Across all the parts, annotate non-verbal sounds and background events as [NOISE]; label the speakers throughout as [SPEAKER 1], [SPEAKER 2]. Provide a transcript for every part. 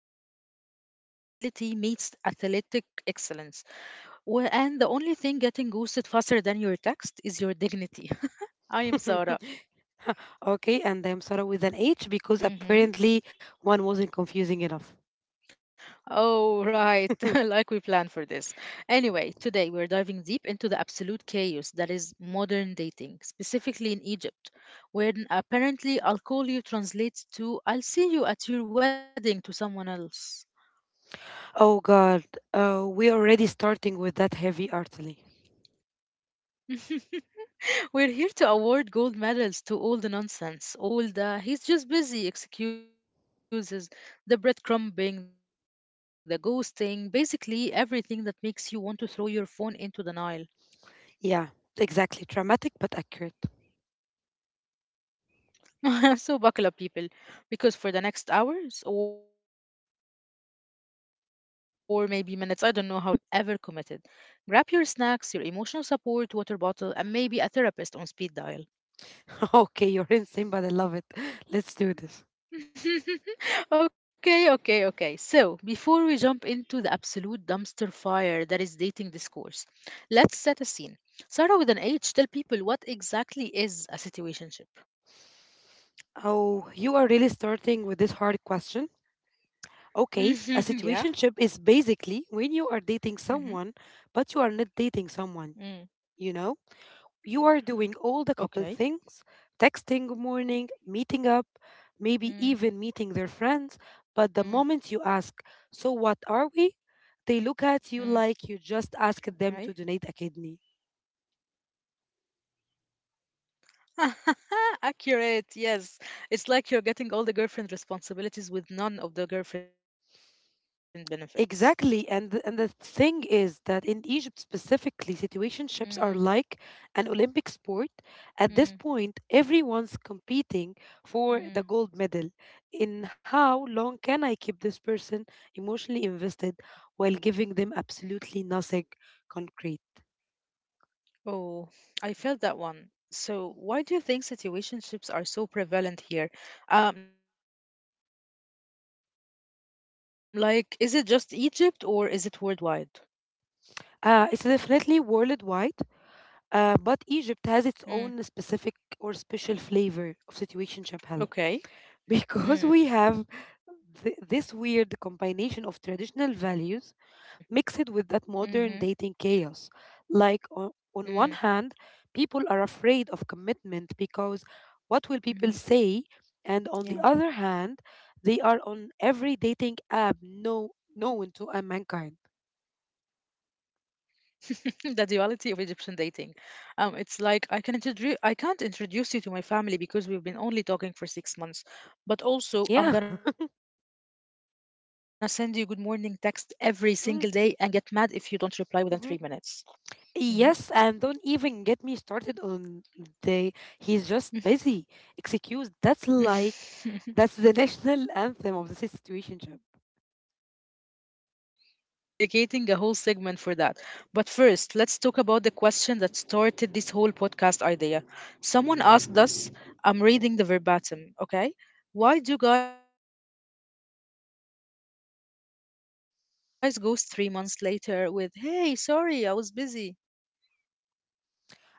[SPEAKER 1] where emotional unavailability meets athletic excellence. And the only thing getting ghosted faster than your text is your dignity. [LAUGHS] I am Sarah.
[SPEAKER 2] [LAUGHS] Okay, and I'm sorry with an H because
[SPEAKER 1] Hmm.
[SPEAKER 2] apparently one wasn't confusing enough.
[SPEAKER 1] Oh, right, [LAUGHS] like we
[SPEAKER 2] [LAUGHS]
[SPEAKER 1] planned for this. Anyway, today we're diving deep into the absolute chaos that is modern dating, specifically in Egypt, where apparently I'll call you translates to I'll see you at your wedding to someone else.
[SPEAKER 2] Oh God, we're already starting with that heavy artillery.
[SPEAKER 1] [LAUGHS] We're here to award gold medals to all the nonsense, all the he's just busy excuses, the breadcrumbing, the ghosting, basically everything that makes you want to throw your phone into the Nile.
[SPEAKER 2] Yeah, exactly. Dramatic but accurate.
[SPEAKER 1] [LAUGHS] So buckle up, people, because for the next hours or maybe minutes, I don't know how long we're gonna stay, but we're unpacking every single situationship crime ever committed. Grab your snacks, your emotional support, water bottle, and maybe a therapist on speed dial.
[SPEAKER 2] [LAUGHS] Okay, you're insane, but I love it. [LAUGHS] Let's do this.
[SPEAKER 1] [LAUGHS] Okay, okay, okay. So, before we jump into the absolute dumpster fire that is dating discourse, let's set a scene. Sarah with an H, tell people what exactly is a situationship.
[SPEAKER 2] Oh, you are really starting with this hard question.
[SPEAKER 1] [LAUGHS]
[SPEAKER 2] Okay,
[SPEAKER 1] Yeah?
[SPEAKER 2] a situationship is basically when
[SPEAKER 1] Hmm.
[SPEAKER 2] you are dating someone, but you are not
[SPEAKER 1] Mm.
[SPEAKER 2] dating someone, you know? You are doing
[SPEAKER 1] Okay.
[SPEAKER 2] all the couple things, texting good morning, meeting up,
[SPEAKER 1] Mm.
[SPEAKER 2] maybe even meeting their friends, but the moment you
[SPEAKER 1] Mm.
[SPEAKER 2] ask, "So what are we?"
[SPEAKER 1] Okay.
[SPEAKER 2] they look at you like you just asked them to donate a kidney.
[SPEAKER 1] [LAUGHS] Accurate, yes. It's like you're getting all the girlfriend responsibilities with none of the girlfriend benefits.
[SPEAKER 2] Exactly. And the thing is that in Egypt specifically, situationships are like
[SPEAKER 1] Mm.
[SPEAKER 2] an Olympic sport. At this
[SPEAKER 1] Mm.
[SPEAKER 2] point, everyone's competing for the gold
[SPEAKER 1] Mm.
[SPEAKER 2] medal. In how
[SPEAKER 1] Mm.
[SPEAKER 2] long can I keep this person emotionally
[SPEAKER 1] Mm.
[SPEAKER 2] invested while giving them absolutely nothing concrete?
[SPEAKER 1] Oh, I felt that one. So, why do you think situationships are so prevalent here? Like, is it just Egypt or is it worldwide?
[SPEAKER 2] It's definitely worldwide, but
[SPEAKER 1] Mm,
[SPEAKER 2] Egypt has its own specific or special flavor of situationship hell.
[SPEAKER 1] okay.
[SPEAKER 2] [LAUGHS]
[SPEAKER 1] Mm,
[SPEAKER 2] Because we have this weird combination of traditional values mixed
[SPEAKER 1] mm-hmm,
[SPEAKER 2] with that modern dating chaos. Like, on,
[SPEAKER 1] mm,
[SPEAKER 2] on one hand, people are afraid of commitment because what will people
[SPEAKER 1] mm-hmm.
[SPEAKER 2] say? And on the
[SPEAKER 1] Yeah.
[SPEAKER 2] other hand, they are on every dating app no, known to a mankind.
[SPEAKER 1] [LAUGHS] The duality of Egyptian dating. It's like I can't introduce you to my family because we've been only talking for 6 months. But also, I'm gonna send
[SPEAKER 2] Yeah.
[SPEAKER 1] you good morning text every single day and get mad if you don't reply
[SPEAKER 2] [LAUGHS]
[SPEAKER 1] within three
[SPEAKER 2] Mm,
[SPEAKER 1] minutes. Mm-hmm. [LAUGHS]
[SPEAKER 2] mhm. Yes, and don't even get me started on the he's just busy. Excuse, that's like
[SPEAKER 1] [LAUGHS]
[SPEAKER 2] that's the [LAUGHS] national anthem of the situationship.
[SPEAKER 1] Oh my God, we're dedicating a whole segment for that. But first, let's talk about the question that started this whole podcast idea. Someone asked us, I'm reading the verbatim, okay? Why do guys ghosting you after talking every single day or weeks and then show up 3 months later with, hey, sorry, I was busy?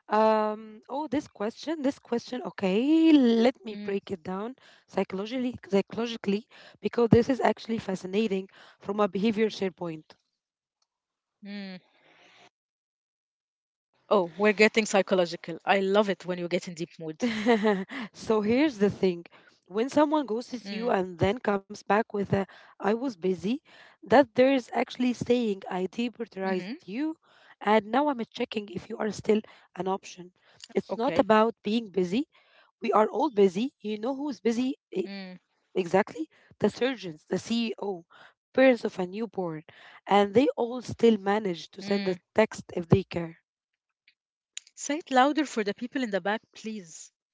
[SPEAKER 2] Oh, this question, okay, let me
[SPEAKER 1] Mm,
[SPEAKER 2] break it down psychologically because this is actually fascinating from a behavior
[SPEAKER 1] mm.
[SPEAKER 2] shared point.
[SPEAKER 1] Oh, we're getting psychological. I love it when you get in deep mood.
[SPEAKER 2] [LAUGHS] So here's the thing, when
[SPEAKER 1] Mm,
[SPEAKER 2] someone ghosts you and then comes back with a "I was busy," that
[SPEAKER 1] mm-hmm.
[SPEAKER 2] there is actually saying I deprioritized you and now I'm checking if you are still an option.
[SPEAKER 1] Okay.
[SPEAKER 2] It's not about being busy, we are all busy. You know who's busy?
[SPEAKER 1] Mm,
[SPEAKER 2] E- exactly, the surgeons, the CEO, parents
[SPEAKER 1] mm.
[SPEAKER 2] of a newborn, and they all
[SPEAKER 1] Mm.
[SPEAKER 2] still manage to send a text if they care.
[SPEAKER 1] Say it louder for the people in the back, please.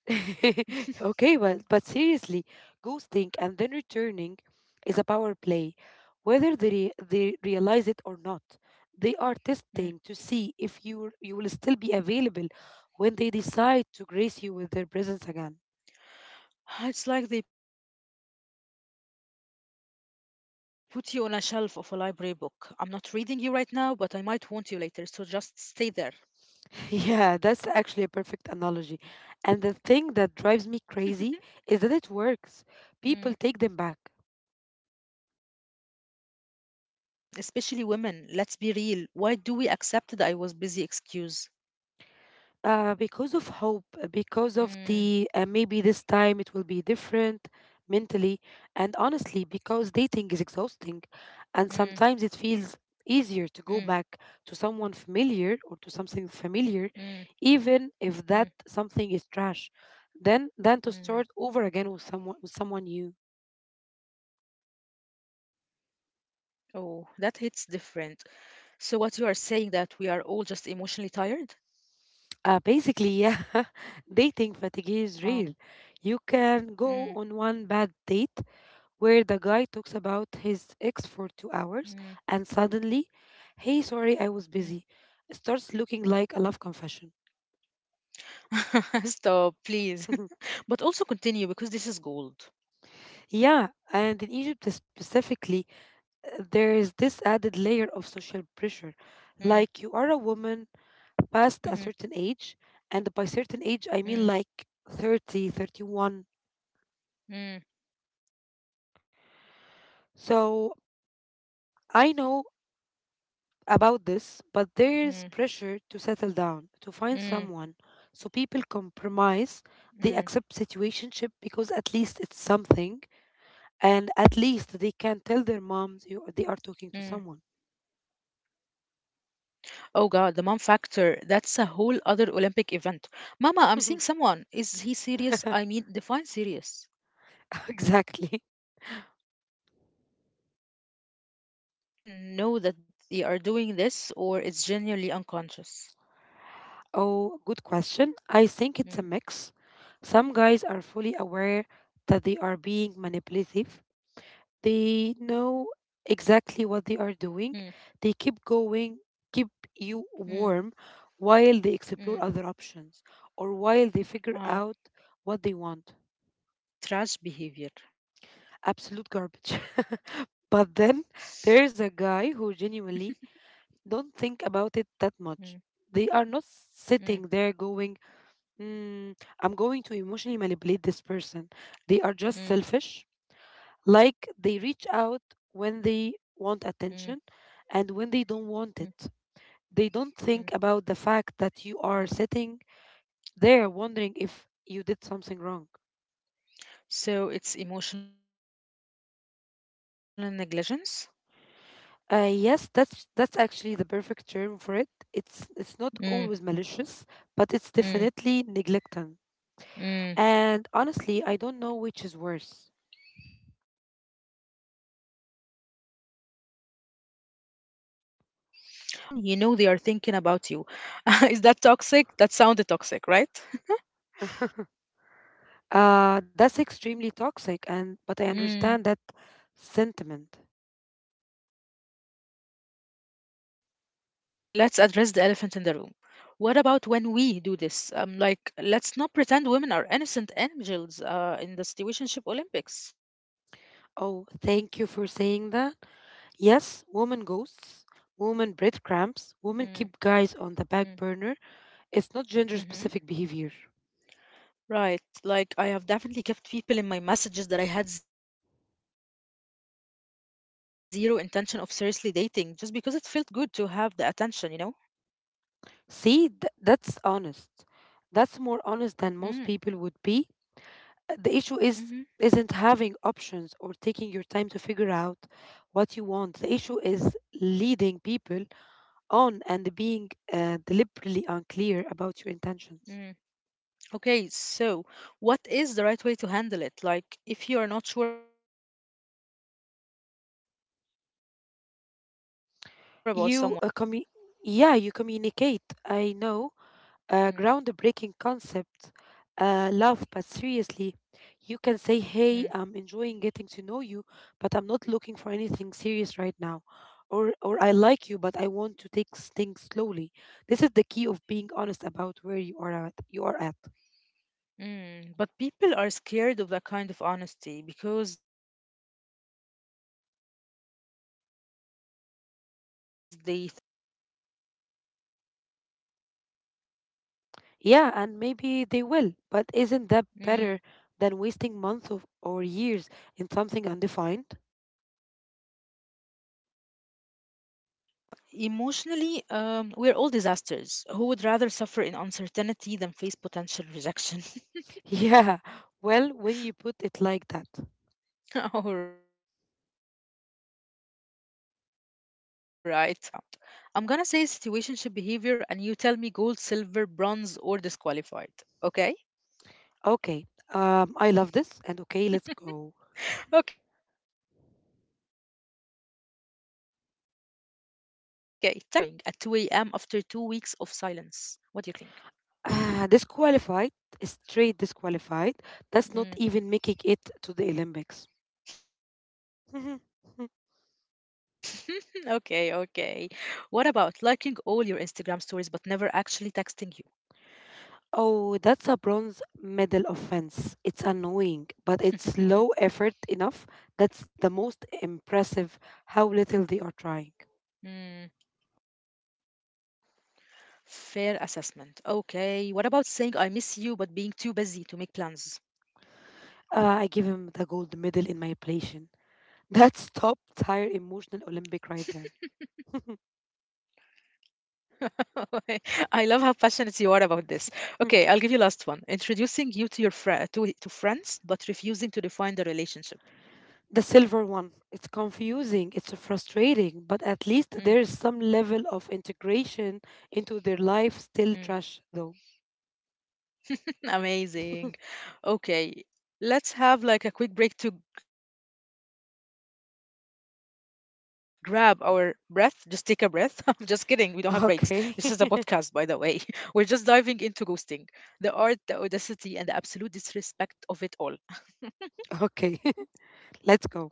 [SPEAKER 2] [LAUGHS] Okay, well, but seriously, ghosting and then returning is a power
[SPEAKER 1] Mm,
[SPEAKER 2] play, whether they
[SPEAKER 1] okay.
[SPEAKER 2] re- they realize it or not. They are
[SPEAKER 1] Mm.
[SPEAKER 2] testing to see if you will still be available when they decide to grace you with their presence again.
[SPEAKER 1] [SIGHS] It's like they put you on a shelf of a library book. I'm not reading you right now, but I might want you later, so just stay there.
[SPEAKER 2] [LAUGHS] Yeah, that's actually a perfect analogy. And the thing that drives me crazy is that it
[SPEAKER 1] Mm,
[SPEAKER 2] works. People take
[SPEAKER 1] mm.
[SPEAKER 2] them back.
[SPEAKER 1] Okay, but why though? Why people, especially women, let's be real, why do we accept the I was busy excuse?
[SPEAKER 2] Because of hope, because of
[SPEAKER 1] Mm,
[SPEAKER 2] the maybe this time it will be different mentally, and
[SPEAKER 1] mm,
[SPEAKER 2] honestly, because dating is exhausting, and
[SPEAKER 1] mm,
[SPEAKER 2] sometimes it feels easier to go back to someone familiar or to something
[SPEAKER 1] mm,
[SPEAKER 2] familiar,
[SPEAKER 1] mm,
[SPEAKER 2] even if that something is trash, then
[SPEAKER 1] mm.
[SPEAKER 2] than to start over again with someone new.
[SPEAKER 1] Oh, that hits different. So, what you are saying that we are all just emotionally tired?
[SPEAKER 2] Basically, yeah, [LAUGHS]
[SPEAKER 1] Oh,
[SPEAKER 2] dating fatigue is real. You
[SPEAKER 1] mm,
[SPEAKER 2] can go on one bad date where
[SPEAKER 1] mm,
[SPEAKER 2] the guy talks about his ex for 2 hours and
[SPEAKER 1] mm.
[SPEAKER 2] suddenly, hey, sorry, I was busy, starts looking like a love confession.
[SPEAKER 1] [LAUGHS] Stop, please. [LAUGHS] But also
[SPEAKER 2] [LAUGHS]
[SPEAKER 1] continue because this is gold.
[SPEAKER 2] Yeah, and in Egypt specifically,
[SPEAKER 1] Mm,
[SPEAKER 2] there is this added layer of social pressure. Like,
[SPEAKER 1] mm-hmm,
[SPEAKER 2] you are a woman past a certain age, and by
[SPEAKER 1] mm,
[SPEAKER 2] certain age, I mean like 30, 31.
[SPEAKER 1] mm. Okay. Yeah, it's like story
[SPEAKER 2] So
[SPEAKER 1] one. Can you believe that?
[SPEAKER 2] I know about this, but there is
[SPEAKER 1] Mm,
[SPEAKER 2] pressure to settle down, to find
[SPEAKER 1] mm,
[SPEAKER 2] someone. So people compromise, they
[SPEAKER 1] mm,
[SPEAKER 2] accept situationship because at least it's something,
[SPEAKER 1] mm.
[SPEAKER 2] and at least they can tell their moms you, they are talking to someone.
[SPEAKER 1] Oh God, the mom factor. That's a whole other Olympic event. Mama, I'm seeing someone. Is he
[SPEAKER 2] [LAUGHS]
[SPEAKER 1] serious? I mean, define serious.
[SPEAKER 2] Exactly.
[SPEAKER 1] Okay, so hot time take. Do you think men know that they are doing this or it's genuinely unconscious?
[SPEAKER 2] Oh, good question. I think it's a
[SPEAKER 1] Mm,
[SPEAKER 2] mix. Some guys are fully aware that they are being manipulative.
[SPEAKER 1] mm,
[SPEAKER 2] They know exactly what they are doing. They keep
[SPEAKER 1] mm,
[SPEAKER 2] going, keep you warm
[SPEAKER 1] mm.
[SPEAKER 2] while they explore other options or while they
[SPEAKER 1] Oh,
[SPEAKER 2] figure out what they want.
[SPEAKER 1] trash behavior.
[SPEAKER 2] Absolute garbage. [LAUGHS] But then there's a guy who genuinely
[SPEAKER 1] Mm,
[SPEAKER 2] don't think about it that much. They are
[SPEAKER 1] mm,
[SPEAKER 2] not sitting there going, mm, I'm going to emotionally manipulate this person. They are
[SPEAKER 1] mm,
[SPEAKER 2] just selfish.
[SPEAKER 1] mm,
[SPEAKER 2] Like they reach out when they
[SPEAKER 1] mm,
[SPEAKER 2] want attention and when they
[SPEAKER 1] mm,
[SPEAKER 2] don't want it. They don't think
[SPEAKER 1] mm.
[SPEAKER 2] about the fact that you are sitting there wondering if you did something wrong.
[SPEAKER 1] So it's emotional negligence?
[SPEAKER 2] Yes, that's actually the perfect term for it. It's
[SPEAKER 1] Mm,
[SPEAKER 2] not always malicious, but it's
[SPEAKER 1] mm,
[SPEAKER 2] definitely neglectant.
[SPEAKER 1] mm.
[SPEAKER 2] And honestly, I don't know which is worse.
[SPEAKER 1] I think the negligence is worse because at least with manipulation, you know they are thinking about you. [LAUGHS] Is that toxic? That sounded toxic, right?
[SPEAKER 2] [LAUGHS] That's extremely toxic, and but I
[SPEAKER 1] [LAUGHS]
[SPEAKER 2] understand that sentiment.
[SPEAKER 1] Yeah, okay, but let's address the elephant in the room. What about when we do this? Like, let's not pretend women are innocent angels in the situationship Olympics.
[SPEAKER 2] Oh, thank you for saying that. Yes, women ghosts, women
[SPEAKER 1] Mm,
[SPEAKER 2] breadcrumbs, women keep
[SPEAKER 1] mm,
[SPEAKER 2] guys on the back burner. It's not
[SPEAKER 1] mm-hmm.
[SPEAKER 2] gender specific behavior.
[SPEAKER 1] Right, like, I have definitely kept people in my messages that I had zero intention of seriously dating just because it felt good to have the attention, you know?
[SPEAKER 2] See, that's honest. That's
[SPEAKER 1] Mm,
[SPEAKER 2] more honest than most people would be. Uh,
[SPEAKER 1] mm-hmm,
[SPEAKER 2] The issue is isn't having options or taking your
[SPEAKER 1] mm,
[SPEAKER 2] time to figure out what you
[SPEAKER 1] mm,
[SPEAKER 2] want. The issue is
[SPEAKER 1] mm,
[SPEAKER 2] leading people on and being deliberately unclear about your
[SPEAKER 1] mm.
[SPEAKER 2] intentions.
[SPEAKER 1] Okay, so what is the right way to handle it? Like, if you are not sure about someone, what do you usually do?
[SPEAKER 2] You uh, commu- yeah, you communicate. I know,
[SPEAKER 1] Mm,
[SPEAKER 2] a groundbreaking concept. Love, but seriously, you can say,
[SPEAKER 1] mm,
[SPEAKER 2] "Hey, I'm enjoying getting to know you, but I'm not looking for anything serious right now." Or,
[SPEAKER 1] mm,
[SPEAKER 2] "I like you, but I want to take things slowly." This is the key
[SPEAKER 1] mm.
[SPEAKER 2] of being honest about where you are at.
[SPEAKER 1] Mm, but people are scared of that kind of honesty because they think the other person will leave.
[SPEAKER 2] Yeah, and maybe they will, but isn't that
[SPEAKER 1] Mm.
[SPEAKER 2] better than wasting months of, or years in something undefined?
[SPEAKER 1] Logically, yes. Emotionally, we're all disasters. Who would rather suffer in uncertainty than face potential rejection?
[SPEAKER 2] [LAUGHS] Yeah, well, when you put it like that.
[SPEAKER 1] [LAUGHS] All right. Before we move to our next segment, let's do a quick lightning round. I'm gonna say situationship behavior and you tell me gold, silver, bronze, or disqualified. Okay?
[SPEAKER 2] Okay, I love this, and okay, let's go.
[SPEAKER 1] Okay. Texting why you do. What WYD, which is what are you doing at 2 a.m. after 2 weeks of silence? What do you think?
[SPEAKER 2] Ah, disqualified, straight disqualified.
[SPEAKER 1] Mm.
[SPEAKER 2] That's not even making it to the Olympics.
[SPEAKER 1] [LAUGHS] Okay,
[SPEAKER 2] [LAUGHS] Mhm.
[SPEAKER 1] okay.
[SPEAKER 2] Mm.
[SPEAKER 1] What about liking all your Instagram stories but never actually texting you?
[SPEAKER 2] Oh, that's a bronze medal offense. It's annoying,
[SPEAKER 1] [LAUGHS]
[SPEAKER 2] but it's low effort enough. That's the most
[SPEAKER 1] Hmm.
[SPEAKER 2] impressive how little they are trying.
[SPEAKER 1] Fair assessment. Okay. What about saying I miss you but being too busy to make plans?
[SPEAKER 2] I give him the gold medal in my ablation. [LAUGHS] That's top tier emotional Olympic right there.
[SPEAKER 1] [LAUGHS] I love how passionate you are about this. Okay, I'll give you last one. Introducing you to your fri to friends but refusing to define the relationship.
[SPEAKER 2] The silver one. It's
[SPEAKER 1] Mm,
[SPEAKER 2] confusing, it's frustrating, but at least there is some level of integration into their
[SPEAKER 1] mm.
[SPEAKER 2] life. Still trash though.
[SPEAKER 1] Amazing. Okay, let's have like a quick break to grab our breath. Just take a breath. [LAUGHS] I'm just kidding. We don't have breaks. This is a podcast, by the way. [LAUGHS] We're just diving into
[SPEAKER 2] Okay.
[SPEAKER 1] ghosting,
[SPEAKER 2] [LAUGHS]
[SPEAKER 1] the art, the audacity, and the absolute disrespect of it all.
[SPEAKER 2] Okay. [LAUGHS] Let's go.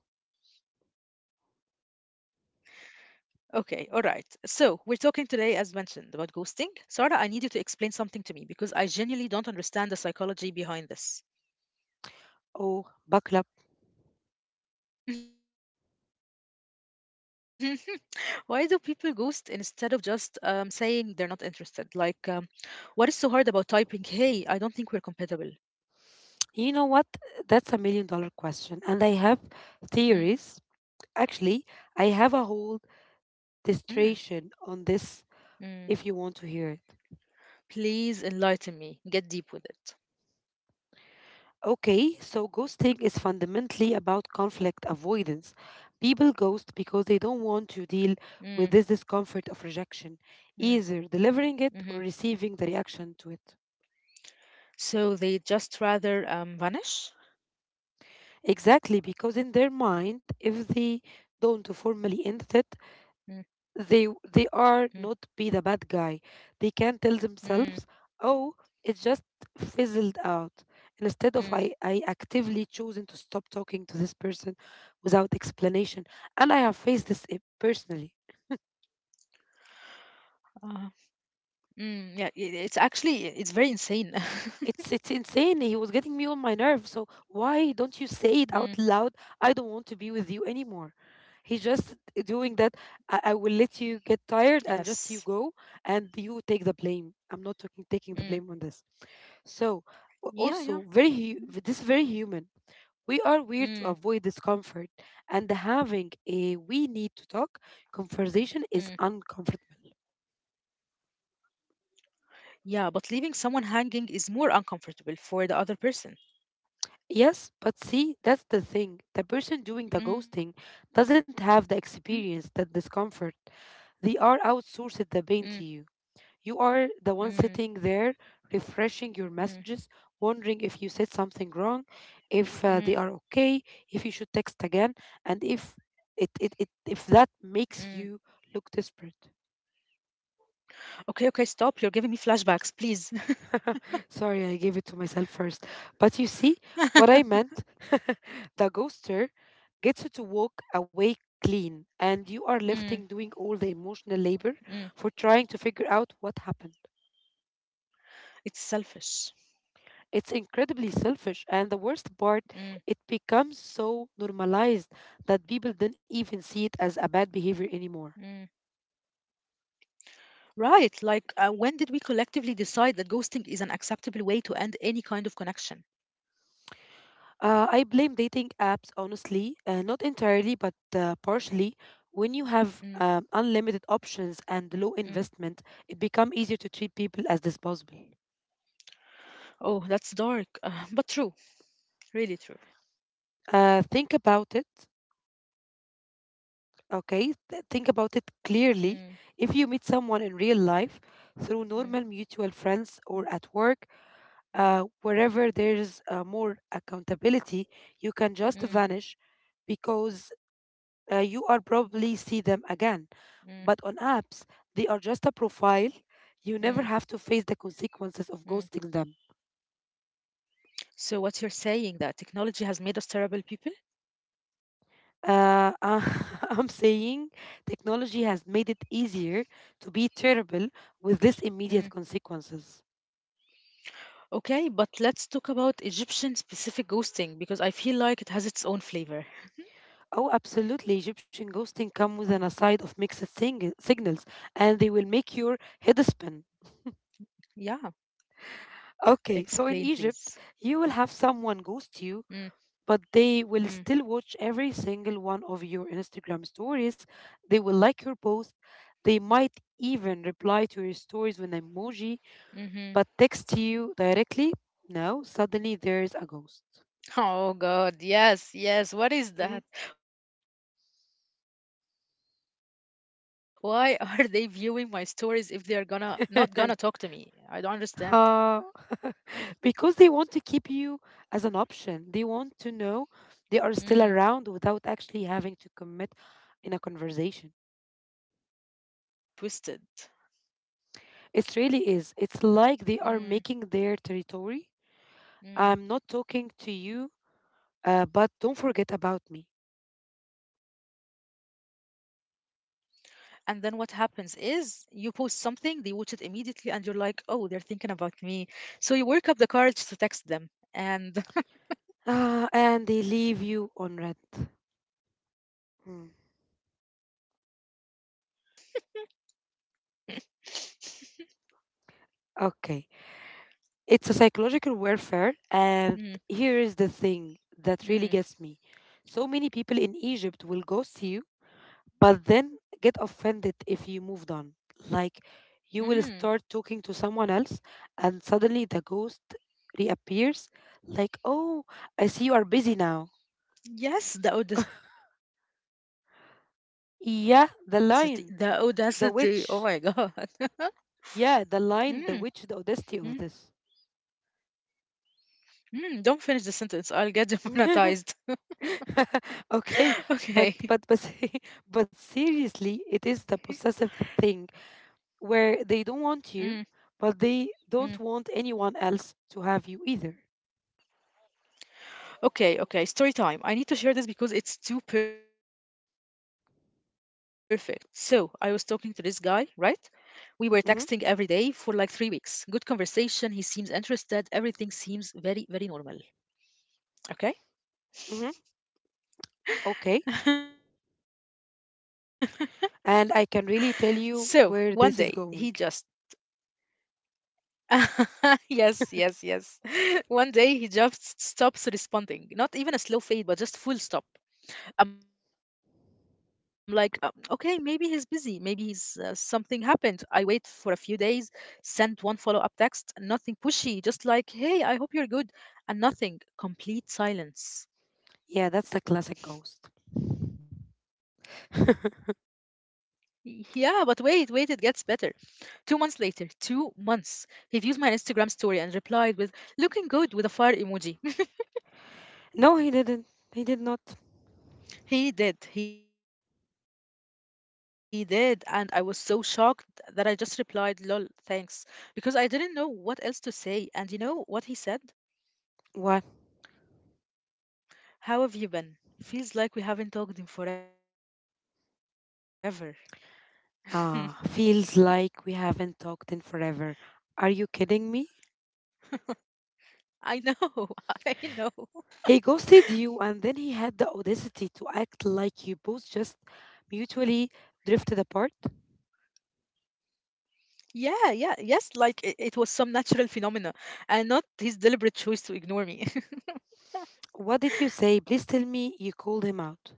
[SPEAKER 1] Okay, all right. So we're talking today, as mentioned, about ghosting. Sarah, I need you to explain something to me because I genuinely don't understand the psychology behind this.
[SPEAKER 2] Oh, buckle up.
[SPEAKER 1] [LAUGHS] Why do people ghost instead of just saying they're not interested? Like, what is so hard about typing, hey, I don't think we're compatible?
[SPEAKER 2] You know what? That's a million dollar question. And I have
[SPEAKER 1] Mm,
[SPEAKER 2] theories. Actually,
[SPEAKER 1] mm,
[SPEAKER 2] I have a whole dissertation on this
[SPEAKER 1] mm.
[SPEAKER 2] if you want to hear it.
[SPEAKER 1] Please enlighten me. Get deep with it.
[SPEAKER 2] Okay, so ghosting is fundamentally about conflict avoidance. People
[SPEAKER 1] Mm,
[SPEAKER 2] ghost because they don't want to deal with this
[SPEAKER 1] mm,
[SPEAKER 2] discomfort of rejection, either
[SPEAKER 1] hmm.
[SPEAKER 2] delivering it or receiving the reaction to it.
[SPEAKER 1] So they just rather vanish?
[SPEAKER 2] Exactly, because in their mind, if they
[SPEAKER 1] Mm,
[SPEAKER 2] don't formally end it,
[SPEAKER 1] mm,
[SPEAKER 2] they they are not be the bad guy. They can tell
[SPEAKER 1] mm,
[SPEAKER 2] themselves, oh, it just fizzled out instead
[SPEAKER 1] mm.
[SPEAKER 2] of I actively choosing to stop talking to this person without explanation. And I have faced this
[SPEAKER 1] Uh,
[SPEAKER 2] personally.
[SPEAKER 1] mm, yeah, it's actually, it's very insane. [LAUGHS]
[SPEAKER 2] It's insane. He was getting me on my nerve. So why
[SPEAKER 1] Mm,
[SPEAKER 2] don't you say it out loud? I don't want to be with you anymore. He's just
[SPEAKER 1] yes.
[SPEAKER 2] doing that. I will let you get tired and just you go and you
[SPEAKER 1] Mm,
[SPEAKER 2] take the blame. I'm not talking taking the blame on this.
[SPEAKER 1] yeah,
[SPEAKER 2] So
[SPEAKER 1] yeah.
[SPEAKER 2] a-
[SPEAKER 1] Mm,
[SPEAKER 2] also very this is very human. We are
[SPEAKER 1] mm,
[SPEAKER 2] weird to avoid discomfort, and
[SPEAKER 1] mm.
[SPEAKER 2] having a "we need to talk" conversation is uncomfortable.
[SPEAKER 1] Yeah, but leaving someone hanging is more uncomfortable for the other person.
[SPEAKER 2] Yes, but see, that's the thing. The person
[SPEAKER 1] Mm,
[SPEAKER 2] doing the ghosting doesn't have the experience, the discomfort.
[SPEAKER 1] mm,
[SPEAKER 2] They are outsourced the pain to you. You
[SPEAKER 1] mm,
[SPEAKER 2] are the one sitting there,
[SPEAKER 1] mm,
[SPEAKER 2] refreshing your messages, wondering if you said something wrong, if
[SPEAKER 1] mm,
[SPEAKER 2] they are okay, if you should text again, and if
[SPEAKER 1] mm.
[SPEAKER 2] it, it, it if that makes you look desperate.
[SPEAKER 1] Okay, okay, stop. You're giving me flashbacks, please.
[SPEAKER 2] [LAUGHS] Sorry, I gave it to myself first. But you see
[SPEAKER 1] [LAUGHS]
[SPEAKER 2] what I meant? [LAUGHS] The ghoster gets you
[SPEAKER 1] Mm,
[SPEAKER 2] to walk away clean, and you are
[SPEAKER 1] mm.
[SPEAKER 2] left in doing all the emotional labor for trying to figure out what happened.
[SPEAKER 1] It's selfish.
[SPEAKER 2] It's incredibly selfish, and the worst
[SPEAKER 1] Mm,
[SPEAKER 2] part, it becomes so normalized that people
[SPEAKER 1] mm.
[SPEAKER 2] don't even see it as a bad behavior anymore.
[SPEAKER 1] Right, like when did we collectively decide that ghosting is an acceptable way to end any kind of connection?
[SPEAKER 2] I blame dating apps, honestly,
[SPEAKER 1] Mm,
[SPEAKER 2] not entirely, but partially. When you
[SPEAKER 1] mm.
[SPEAKER 2] have unlimited options and low investment, it becomes easier to treat people as disposable.
[SPEAKER 1] Oh, that's dark, but true, really true.
[SPEAKER 2] Think about it,
[SPEAKER 1] Mm,
[SPEAKER 2] okay? Think about it clearly. If you meet
[SPEAKER 1] mm,
[SPEAKER 2] someone in real life through
[SPEAKER 1] mm,
[SPEAKER 2] normal mutual friends or at work,
[SPEAKER 1] mm,
[SPEAKER 2] wherever there's more accountability, you can
[SPEAKER 1] mm,
[SPEAKER 2] just vanish
[SPEAKER 1] mm,
[SPEAKER 2] because you are probably see them again. But on
[SPEAKER 1] mm,
[SPEAKER 2] apps, they are just a profile. You never
[SPEAKER 1] mm.
[SPEAKER 2] have to face the consequences of ghosting them.
[SPEAKER 1] So, what you're saying that technology has made us terrible people?
[SPEAKER 2] Uh, [LAUGHS] I'm saying technology has made it easier to be
[SPEAKER 1] Mm.
[SPEAKER 2] terrible with these immediate consequences.
[SPEAKER 1] Okay, but let's talk about Egyptian specific ghosting because I feel like it has its own flavor.
[SPEAKER 2] Oh, absolutely. Egyptian ghosting come with an aside of mixed signals, and they will
[SPEAKER 1] Yeah,
[SPEAKER 2] make your head spin.
[SPEAKER 1] explain please.
[SPEAKER 2] Okay, so in Egypt, you will have
[SPEAKER 1] Mm,
[SPEAKER 2] someone ghost you but
[SPEAKER 1] mm,
[SPEAKER 2] they will still watch every single one of your Instagram stories. They will
[SPEAKER 1] mm,
[SPEAKER 2] like your post. They might even reply to your stories with an emoji,
[SPEAKER 1] mm-hmm.
[SPEAKER 2] but text you directly. No, suddenly there's a ghost.
[SPEAKER 1] Oh God, yes, yes. What is
[SPEAKER 2] Mhm.
[SPEAKER 1] that? Why [LAUGHS] are they viewing my stories if they are gonna not gonna talk to me? I don't understand.
[SPEAKER 2] [LAUGHS] Ha. [LAUGHS] Because they want to keep you as an option. They want to know
[SPEAKER 1] Mm,
[SPEAKER 2] they are still around without actually having to commit in a conversation.
[SPEAKER 1] that's sick and twisted.
[SPEAKER 2] It really is. It's like they are
[SPEAKER 1] Mm,
[SPEAKER 2] making their territory. I'm not
[SPEAKER 1] mm.
[SPEAKER 2] talking to you, but don't forget about me.
[SPEAKER 1] And then what happens is you post something, they watch it immediately, and you're like, oh, they're thinking about me. So you work up the courage to text them. And
[SPEAKER 2] Ah, and they leave you on red. Hmm.
[SPEAKER 1] [LAUGHS] exactly, it's psychological warfare.
[SPEAKER 2] Okay. It's a psychological warfare, and here is the
[SPEAKER 1] Mm,
[SPEAKER 2] thing that really gets me.
[SPEAKER 1] mm,
[SPEAKER 2] So many people in Egypt will ghost you, but
[SPEAKER 1] mm,
[SPEAKER 2] then get offended if you moved on. Like, you will start talking to
[SPEAKER 1] mm.
[SPEAKER 2] someone else, and suddenly the ghost reappears, like, oh, I see you are busy now.
[SPEAKER 1] Yes, the audacity, the
[SPEAKER 2] Yeah,
[SPEAKER 1] audacity. Oh
[SPEAKER 2] the
[SPEAKER 1] my [LAUGHS]
[SPEAKER 2] lion,
[SPEAKER 1] God.
[SPEAKER 2] the witch.
[SPEAKER 1] Mm,
[SPEAKER 2] Yeah, the line, the
[SPEAKER 1] mm,
[SPEAKER 2] witch, the audacity of this.
[SPEAKER 1] mm. Don't finish the sentence. I'll get
[SPEAKER 2] [LAUGHS]
[SPEAKER 1] demonetized.
[SPEAKER 2] okay, but
[SPEAKER 1] [LAUGHS]
[SPEAKER 2] but but se-
[SPEAKER 1] Okay.
[SPEAKER 2] [LAUGHS]
[SPEAKER 1] [LAUGHS]
[SPEAKER 2] but seriously, it is the possessive thing
[SPEAKER 1] Mm,
[SPEAKER 2] where they don't want you,
[SPEAKER 1] mm.
[SPEAKER 2] but they don't want anyone else to have you either.
[SPEAKER 1] Okay, okay, story time. I need to share this because it's too perfect. So, I was talking to this guy, right? We were texting every day for
[SPEAKER 2] Mm-hmm,
[SPEAKER 1] like 3 weeks. Good conversation. He seems interested. Everything seems very, very normal. Okay?
[SPEAKER 2] mm-hmm. Okay,
[SPEAKER 1] [LAUGHS]
[SPEAKER 2] and I can really tell
[SPEAKER 1] So,
[SPEAKER 2] you
[SPEAKER 1] one
[SPEAKER 2] where
[SPEAKER 1] day,
[SPEAKER 2] this is
[SPEAKER 1] he
[SPEAKER 2] going.
[SPEAKER 1] just. [LAUGHS] Yes, yes, yes. [LAUGHS] One day, he just stops responding. Not even a slow fade, but just full stop. I'm like, " okay, maybe he's busy. Maybe he's something happened. I wait for a few days, send one follow up text, nothing pushy, just like, hey, I hope you're good, and nothing,
[SPEAKER 2] Yeah,
[SPEAKER 1] complete
[SPEAKER 2] that's the classic
[SPEAKER 1] silence.
[SPEAKER 2] ghost.
[SPEAKER 1] Yeah, but wait, wait, it gets better. 2 months later, 2 months, he views my Instagram story and replied with looking good with a fire emoji.
[SPEAKER 2] No, he didn't. He did not.
[SPEAKER 1] He did, and I was so shocked that I just replied, lol, thanks, because I didn't know what else to say. And you know what he said?
[SPEAKER 2] What?
[SPEAKER 1] How have you been? Feels like we haven't talked in forever. [LAUGHS]
[SPEAKER 2] Ah, feels like we haven't talked in forever. Are you kidding me?
[SPEAKER 1] I know,
[SPEAKER 2] He
[SPEAKER 1] [LAUGHS] I
[SPEAKER 2] ghosted
[SPEAKER 1] know.
[SPEAKER 2] you, and then he had the audacity to act like you both just mutually drifted apart.
[SPEAKER 1] Yeah, yeah, yes, like it was some natural phenomena and not his deliberate choice to ignore me.
[SPEAKER 2] What
[SPEAKER 1] [LAUGHS]
[SPEAKER 2] did you say? Please tell me you called him out.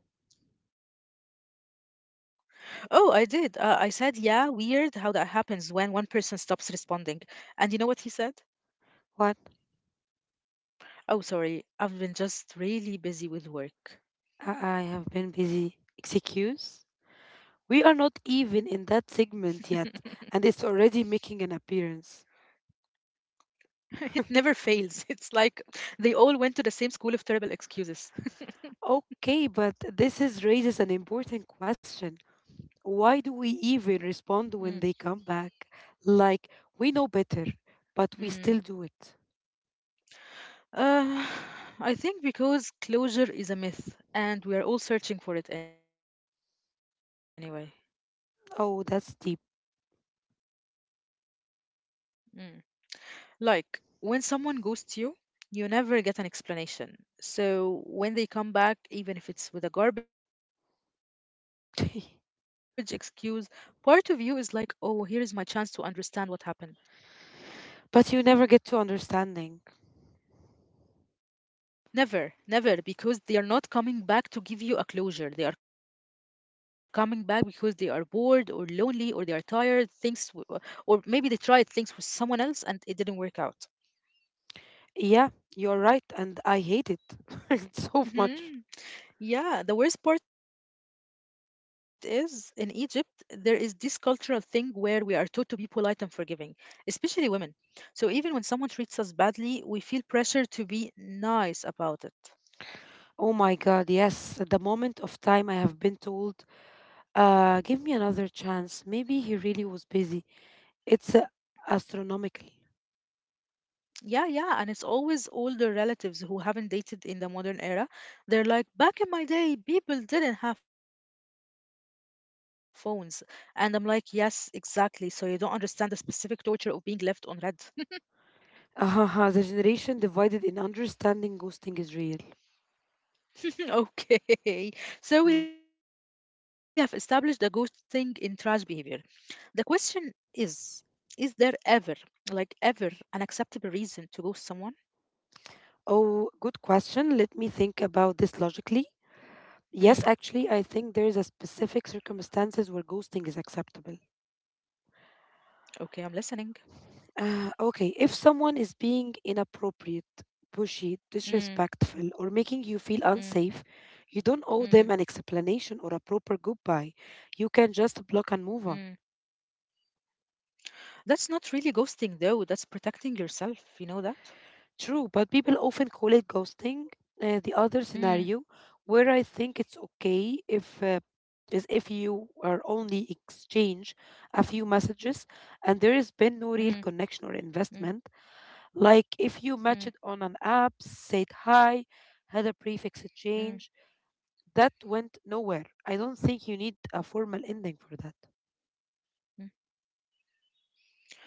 [SPEAKER 1] Oh, I did. I said, yeah, weird how that happens when one person stops responding. And you know what he
[SPEAKER 2] What?
[SPEAKER 1] said? Oh, sorry. I've been just really
[SPEAKER 2] I have
[SPEAKER 1] busy with
[SPEAKER 2] been busy.
[SPEAKER 1] work.
[SPEAKER 2] Excuse? We are not even in that segment yet, and it's already making an appearance.
[SPEAKER 1] [LAUGHS] It never fails. It's like they all went to the same school of terrible
[SPEAKER 2] Okay,
[SPEAKER 1] excuses.
[SPEAKER 2] but this is raises an important question. Why do we even respond when they come
[SPEAKER 1] Mm,
[SPEAKER 2] back? Like, we know better, but we still do it.
[SPEAKER 1] mm. Uh, [SIGHS] I think because closure is a myth and we are all searching for it anyway.
[SPEAKER 2] Oh, that's deep.
[SPEAKER 1] Mm. Like, when someone ghosts you, you never get an explanation. So, when they come back, even if it's with a garbage
[SPEAKER 2] [LAUGHS]
[SPEAKER 1] excuse, part of you is like, oh, here is my chance to understand what happened.
[SPEAKER 2] But you never get to understanding.
[SPEAKER 1] Never, never, because they are not coming back to give you a closure. They are coming back because they are bored or lonely or they are tired, things, or maybe they tried things with someone else and it didn't work out.
[SPEAKER 2] Yeah, you're right, and I hate it [LAUGHS] so much.
[SPEAKER 1] Hmm. Yeah, the worst part is in Egypt, there is this cultural thing where we are taught to be polite and forgiving, especially women. So even when someone treats us badly, we feel pressure to be
[SPEAKER 2] Oh
[SPEAKER 1] nice
[SPEAKER 2] my God,
[SPEAKER 1] about it.
[SPEAKER 2] yes. At the moment of time I have been told, give me another chance. Maybe he really was busy. It's astronomical.
[SPEAKER 1] Yeah, yeah, and it's always older relatives who haven't dated in the modern era. They're like, back in my day, people didn't have phones. And I'm like, yes, exactly. So you don't understand the specific torture of being left on red.
[SPEAKER 2] [LAUGHS] The generation divided in understanding ghosting is real. Mm.
[SPEAKER 1] [LAUGHS] Okay. So we have established the ghosting in trash behavior. The question is, is there ever, like ever, an acceptable reason to ghost
[SPEAKER 2] Oh,
[SPEAKER 1] someone?
[SPEAKER 2] good question. Let me think about this logically. Yes, actually, I think there is a specific
[SPEAKER 1] Mm,
[SPEAKER 2] circumstances where ghosting is acceptable.
[SPEAKER 1] okay, I'm listening.
[SPEAKER 2] Okay, if someone is being inappropriate, pushy, disrespectful, or making you feel
[SPEAKER 1] Mm,
[SPEAKER 2] unsafe, you don't owe them an
[SPEAKER 1] mm,
[SPEAKER 2] explanation or a proper
[SPEAKER 1] mm,
[SPEAKER 2] goodbye. You can just block and move on.
[SPEAKER 1] mm. That's not really ghosting though, that's protecting yourself,
[SPEAKER 2] True,
[SPEAKER 1] you
[SPEAKER 2] but
[SPEAKER 1] know that?
[SPEAKER 2] people often call it ghosting. The other scenario, where I think it's
[SPEAKER 1] Mm,
[SPEAKER 2] okay if is if you are only exchange a few messages and there has been no real connection
[SPEAKER 1] mm,
[SPEAKER 2] or investment.
[SPEAKER 1] mm,
[SPEAKER 2] Like if you matched on an app,
[SPEAKER 1] mm,
[SPEAKER 2] said hi, had a prefix exchange, that went
[SPEAKER 1] mm,
[SPEAKER 2] nowhere. I don't think you need a formal ending for that.
[SPEAKER 1] mm.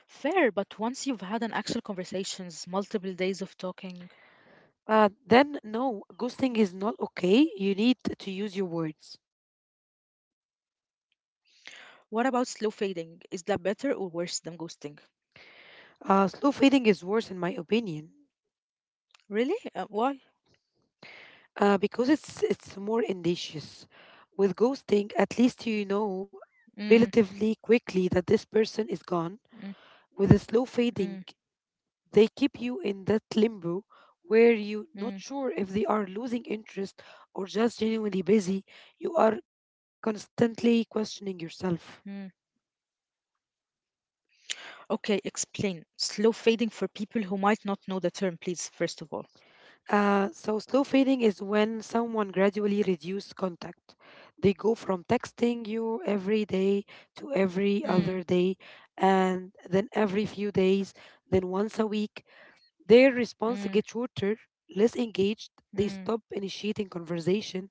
[SPEAKER 1] Fair, but once you've had an actual conversations, multiple days of talking,
[SPEAKER 2] Then no, ghosting is not okay. You need to use your words.
[SPEAKER 1] what about slow fading? Is that better or worse than ghosting?
[SPEAKER 2] Slow fading is worse in my opinion
[SPEAKER 1] Really? Why?
[SPEAKER 2] because it's more indicious. With ghosting, at least you know
[SPEAKER 1] Mm,
[SPEAKER 2] relatively quickly that this person is gone. With a
[SPEAKER 1] mm,
[SPEAKER 2] slow fading, they
[SPEAKER 1] mm,
[SPEAKER 2] keep you in that limbo where you not sure if they are losing
[SPEAKER 1] mm,
[SPEAKER 2] interest or just genuinely busy. You are constantly questioning
[SPEAKER 1] mm.
[SPEAKER 2] yourself.
[SPEAKER 1] Okay, explain. Slow fading for people who might not know the term, please, first of all.
[SPEAKER 2] So slow fading is when someone gradually reduces contact. They go from texting you every
[SPEAKER 1] Mm,
[SPEAKER 2] day to every other day, and then every few days, then once a week. Their response gets shorter, less
[SPEAKER 1] mm,
[SPEAKER 2] engaged. They stop initiating
[SPEAKER 1] mm.
[SPEAKER 2] conversation.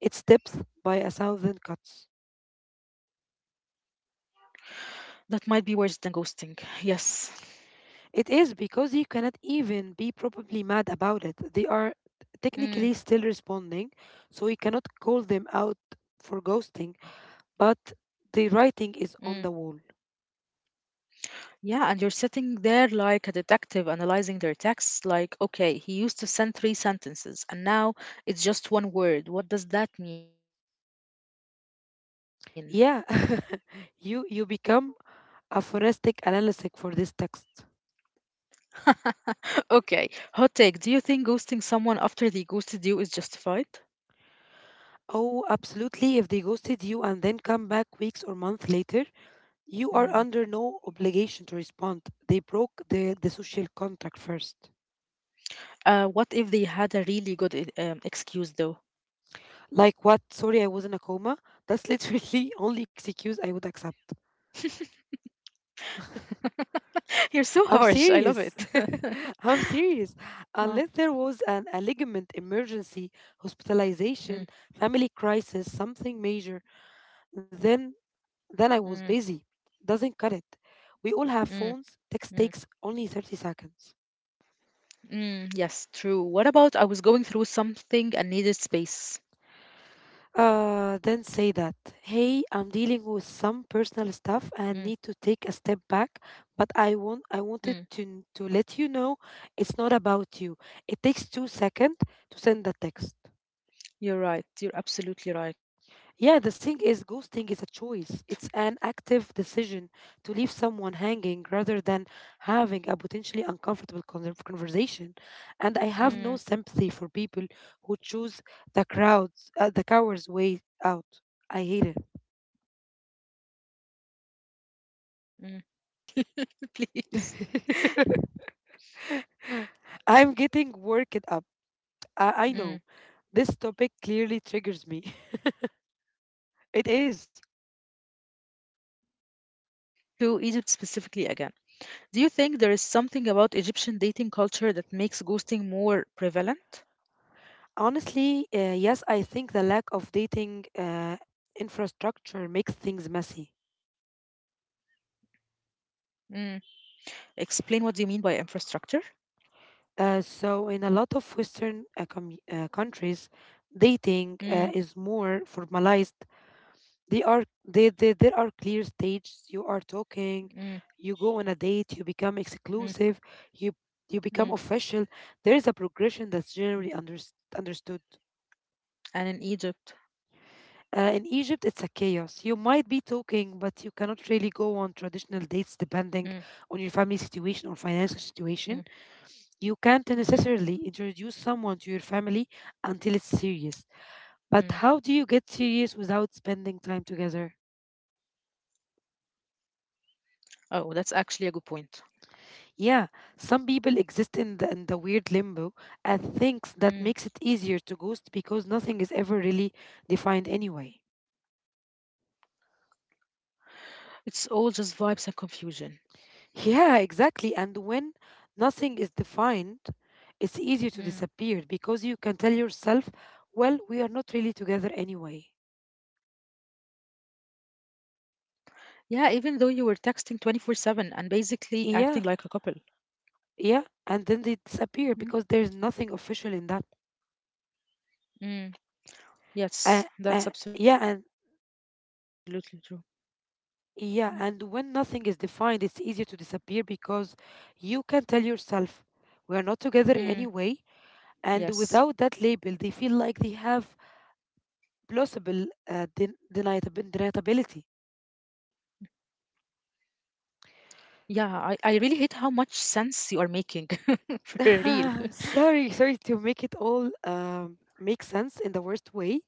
[SPEAKER 2] It's depth by a thousand cuts.
[SPEAKER 1] That might be worse than ghosting. Yes.
[SPEAKER 2] It is because you cannot even be probably mad about it. They are technically still responding,
[SPEAKER 1] Mm,
[SPEAKER 2] so you cannot call them out for ghosting but the writing is on the
[SPEAKER 1] mm.
[SPEAKER 2] wall.
[SPEAKER 1] Yeah, and you're sitting there like a detective analyzing their texts, like, okay, he used to send three sentences and now it's just one word. What does that mean?
[SPEAKER 2] Yeah, [LAUGHS] you become a forensic analyst for this text.
[SPEAKER 1] [LAUGHS] Okay, hot take. Do you think ghosting someone after they ghosted you is justified?
[SPEAKER 2] Oh, absolutely. If they ghosted you and then come back weeks or months later,
[SPEAKER 1] Mm.
[SPEAKER 2] you are under no obligation to respond. They broke the social contract first.
[SPEAKER 1] What if they had a really good excuse,
[SPEAKER 2] Like what?
[SPEAKER 1] though?
[SPEAKER 2] Sorry, I was in a coma. That's literally [LAUGHS] only excuse I would accept. [LAUGHS]
[SPEAKER 1] [LAUGHS] You're so harsh.
[SPEAKER 2] I'm
[SPEAKER 1] I love it.
[SPEAKER 2] serious.
[SPEAKER 1] [LAUGHS]
[SPEAKER 2] [LAUGHS] I'm serious. Unless
[SPEAKER 1] Oh.
[SPEAKER 2] there was a ligament emergency, hospitalization, family
[SPEAKER 1] Mm,
[SPEAKER 2] crisis, something major, then
[SPEAKER 1] mm,
[SPEAKER 2] then I was busy. Doesn't cut it. We all have phones.
[SPEAKER 1] mm,
[SPEAKER 2] Text takes only
[SPEAKER 1] mm.
[SPEAKER 2] 30 seconds.
[SPEAKER 1] Mm, yes, true. What about I was going through something and needed space?
[SPEAKER 2] Then say that, hey, I'm dealing with some personal
[SPEAKER 1] Mm,
[SPEAKER 2] stuff and need to take a step back, but I wanted to
[SPEAKER 1] mm.
[SPEAKER 2] let you know it's not about you. It takes 2 seconds to send the text.
[SPEAKER 1] You're right. You're
[SPEAKER 2] Yeah, the
[SPEAKER 1] absolutely
[SPEAKER 2] thing is,
[SPEAKER 1] right.
[SPEAKER 2] ghosting is a choice. It's an active decision to leave someone hanging rather than having a potentially uncomfortable conversation. And I have no sympathy for people
[SPEAKER 1] Mm,
[SPEAKER 2] who choose the crowds, the coward's way out. I
[SPEAKER 1] mm,
[SPEAKER 2] hate
[SPEAKER 1] mm. Yes. Tell us how you really feel, [LAUGHS] please.
[SPEAKER 2] it. [LAUGHS] I'm getting worked up. I know. This
[SPEAKER 1] Mm.
[SPEAKER 2] topic clearly triggers me. [LAUGHS] It is.
[SPEAKER 1] [LAUGHS] Okay. [LAUGHS] Let's bring it. Yes, I know. And let's bring it to Egypt specifically again. Do you think there is something about Egyptian dating culture that makes ghosting more prevalent?
[SPEAKER 2] Honestly, yes, I think the lack of dating infrastructure makes things messy.
[SPEAKER 1] Mm. Explain what do you mean by infrastructure?
[SPEAKER 2] So, in a lot of Western countries, dating is
[SPEAKER 1] Mm,
[SPEAKER 2] more formalized. They are they, There
[SPEAKER 1] mm,
[SPEAKER 2] are clear stages. You are talking, you go on
[SPEAKER 1] mm,
[SPEAKER 2] a date, you become exclusive, you
[SPEAKER 1] mm.
[SPEAKER 2] you become official. There is a progression that's generally unders understood.
[SPEAKER 1] And in Egypt.
[SPEAKER 2] In Egypt, it's a chaos. You might be talking, but you cannot really
[SPEAKER 1] Mm,
[SPEAKER 2] go on traditional dates depending on your family situation or financial
[SPEAKER 1] mm,
[SPEAKER 2] situation. You can't necessarily
[SPEAKER 1] mm,
[SPEAKER 2] introduce someone to your family until it's serious. But how do you get
[SPEAKER 1] mm.
[SPEAKER 2] serious without spending time together?
[SPEAKER 1] Oh, that's actually a good point.
[SPEAKER 2] Yeah, some people exist in in the weird limbo and thinks that makes it
[SPEAKER 1] Mm.
[SPEAKER 2] easier to ghost because nothing is ever really defined anyway.
[SPEAKER 1] It's all just vibes and confusion.
[SPEAKER 2] Yeah, exactly. And when nothing is defined, it's easier to disappear
[SPEAKER 1] Mm.
[SPEAKER 2] because you can tell yourself, well, we are not really together anyway.
[SPEAKER 1] Yeah, even though you were texting 24/7 and basically acting like a couple.
[SPEAKER 2] Yeah, yeah. And then they
[SPEAKER 1] Mm.
[SPEAKER 2] disappear because there's nothing official in that.
[SPEAKER 1] Mm.
[SPEAKER 2] uh, uh,
[SPEAKER 1] Yes, that's
[SPEAKER 2] yeah and
[SPEAKER 1] absolutely true. Mm.
[SPEAKER 2] yeah, and when nothing is defined it's easier to disappear because you can tell yourself we are not together anyway,
[SPEAKER 1] Mm.
[SPEAKER 2] and without that label
[SPEAKER 1] Yes.
[SPEAKER 2] they feel like they have plausible deniability.
[SPEAKER 1] Yeah, I really hate how much sense you are making [LAUGHS] for real.
[SPEAKER 2] [LAUGHS] Sorry to make it all make sense in the worst way,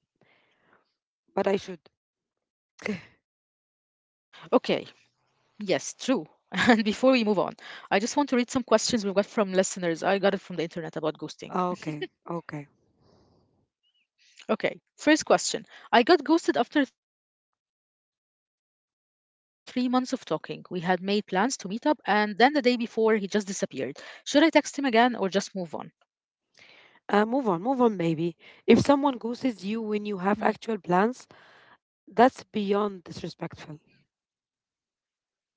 [SPEAKER 2] but I should. [LAUGHS]
[SPEAKER 1] Okay. Yes, true. [LAUGHS] And before we move on, I just want to read some questions we've got from listeners. I got it from the internet about ghosting.
[SPEAKER 2] Okay, okay.
[SPEAKER 1] Okay, first question. I got ghosted after 3 months of talking. We had made plans to meet up, and then the day before, he just disappeared. Should I text him again or just move on?
[SPEAKER 2] Move on, move on, maybe. If someone ghosts you when you have
[SPEAKER 1] Hmm.
[SPEAKER 2] actual plans, that's beyond disrespectful.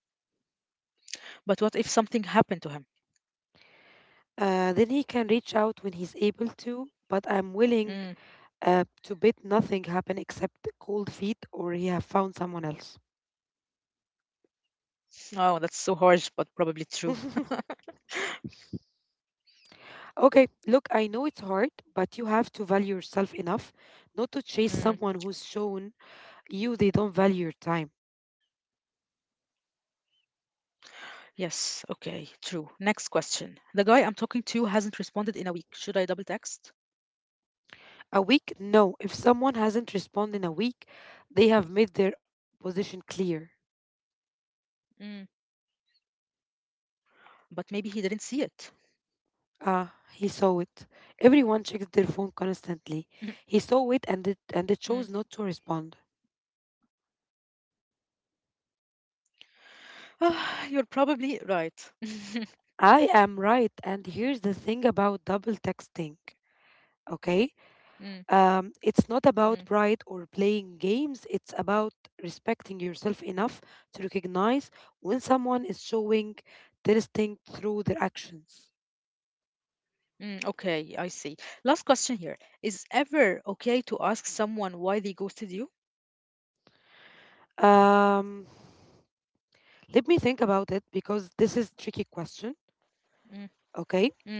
[SPEAKER 1] But what if something happened to him?
[SPEAKER 2] Then he can reach out when he's able to, but I'm willing
[SPEAKER 1] Mm.
[SPEAKER 2] to bet nothing happened except cold feet or he have found someone else.
[SPEAKER 1] Oh, that's so harsh, but probably true.
[SPEAKER 2] [LAUGHS] Okay, look, I know it's hard, but you have to value yourself enough not to chase someone who's
[SPEAKER 1] Mm.
[SPEAKER 2] shown you they don't value your time.
[SPEAKER 1] Yes, okay, true. Next question. The guy I'm talking to hasn't responded in a week. Should I double text?
[SPEAKER 2] A week? No. If someone hasn't responded in a week, they have made their
[SPEAKER 1] Mm.
[SPEAKER 2] position clear.
[SPEAKER 1] But maybe he didn't see it.
[SPEAKER 2] Ah, he saw it. Everyone checks their phone
[SPEAKER 1] [LAUGHS]
[SPEAKER 2] constantly. He saw it and it, and
[SPEAKER 1] Mm.
[SPEAKER 2] they chose not to respond.
[SPEAKER 1] [SIGHS] Ah, you're probably right. [LAUGHS]
[SPEAKER 2] I am right. And here's the thing about double texting, okay?
[SPEAKER 1] Mm,
[SPEAKER 2] It's not
[SPEAKER 1] mm,
[SPEAKER 2] about pride or playing games, it's about respecting yourself enough to recognize when someone is showing texting through their actions.
[SPEAKER 1] mm. Okay, I see. Last question here. Is ever okay to ask someone why they ghosted you?
[SPEAKER 2] Um, Let me think about it because this is tricky
[SPEAKER 1] Mm,
[SPEAKER 2] question, okay?
[SPEAKER 1] mm,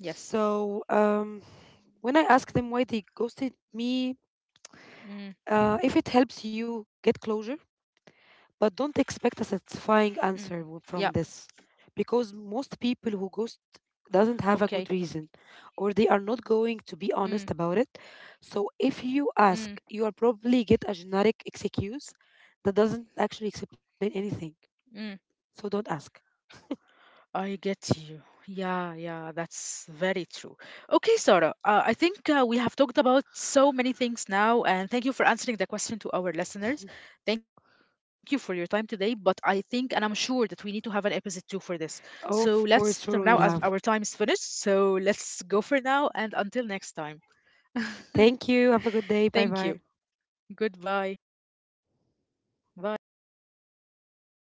[SPEAKER 1] yes.
[SPEAKER 2] So, when I ask them why they ghosted me,
[SPEAKER 1] Mm,
[SPEAKER 2] if it helps you get closure.
[SPEAKER 1] mm,
[SPEAKER 2] But don't
[SPEAKER 1] yeah,
[SPEAKER 2] expect a satisfying answer from this because most people who ghost
[SPEAKER 1] okay.
[SPEAKER 2] doesn't have a good reason or they are not going to
[SPEAKER 1] Mm,
[SPEAKER 2] be honest about it. So if you
[SPEAKER 1] mm,
[SPEAKER 2] ask, you are probably get a generic excuse that doesn't actually
[SPEAKER 1] mm.
[SPEAKER 2] explain anything. So don't ask.
[SPEAKER 1] I get you. Yeah, yeah, that's very true. Okay, Sarah, I think we have talked about so many things now, and thank you for answering the question to our listeners. Thank you
[SPEAKER 2] [LAUGHS]
[SPEAKER 1] for your time today, but I think, and I'm sure that we need to have an episode 2 for this. So now
[SPEAKER 2] Of
[SPEAKER 1] as
[SPEAKER 2] course,
[SPEAKER 1] our
[SPEAKER 2] sure
[SPEAKER 1] time
[SPEAKER 2] we
[SPEAKER 1] is
[SPEAKER 2] will have.
[SPEAKER 1] finished, so let's go for now, and until next time.
[SPEAKER 2] Thank you. Have a good
[SPEAKER 1] Thank
[SPEAKER 2] day.
[SPEAKER 1] you.
[SPEAKER 2] Bye bye.
[SPEAKER 1] Goodbye. Bye.
[SPEAKER 2] Bye bye.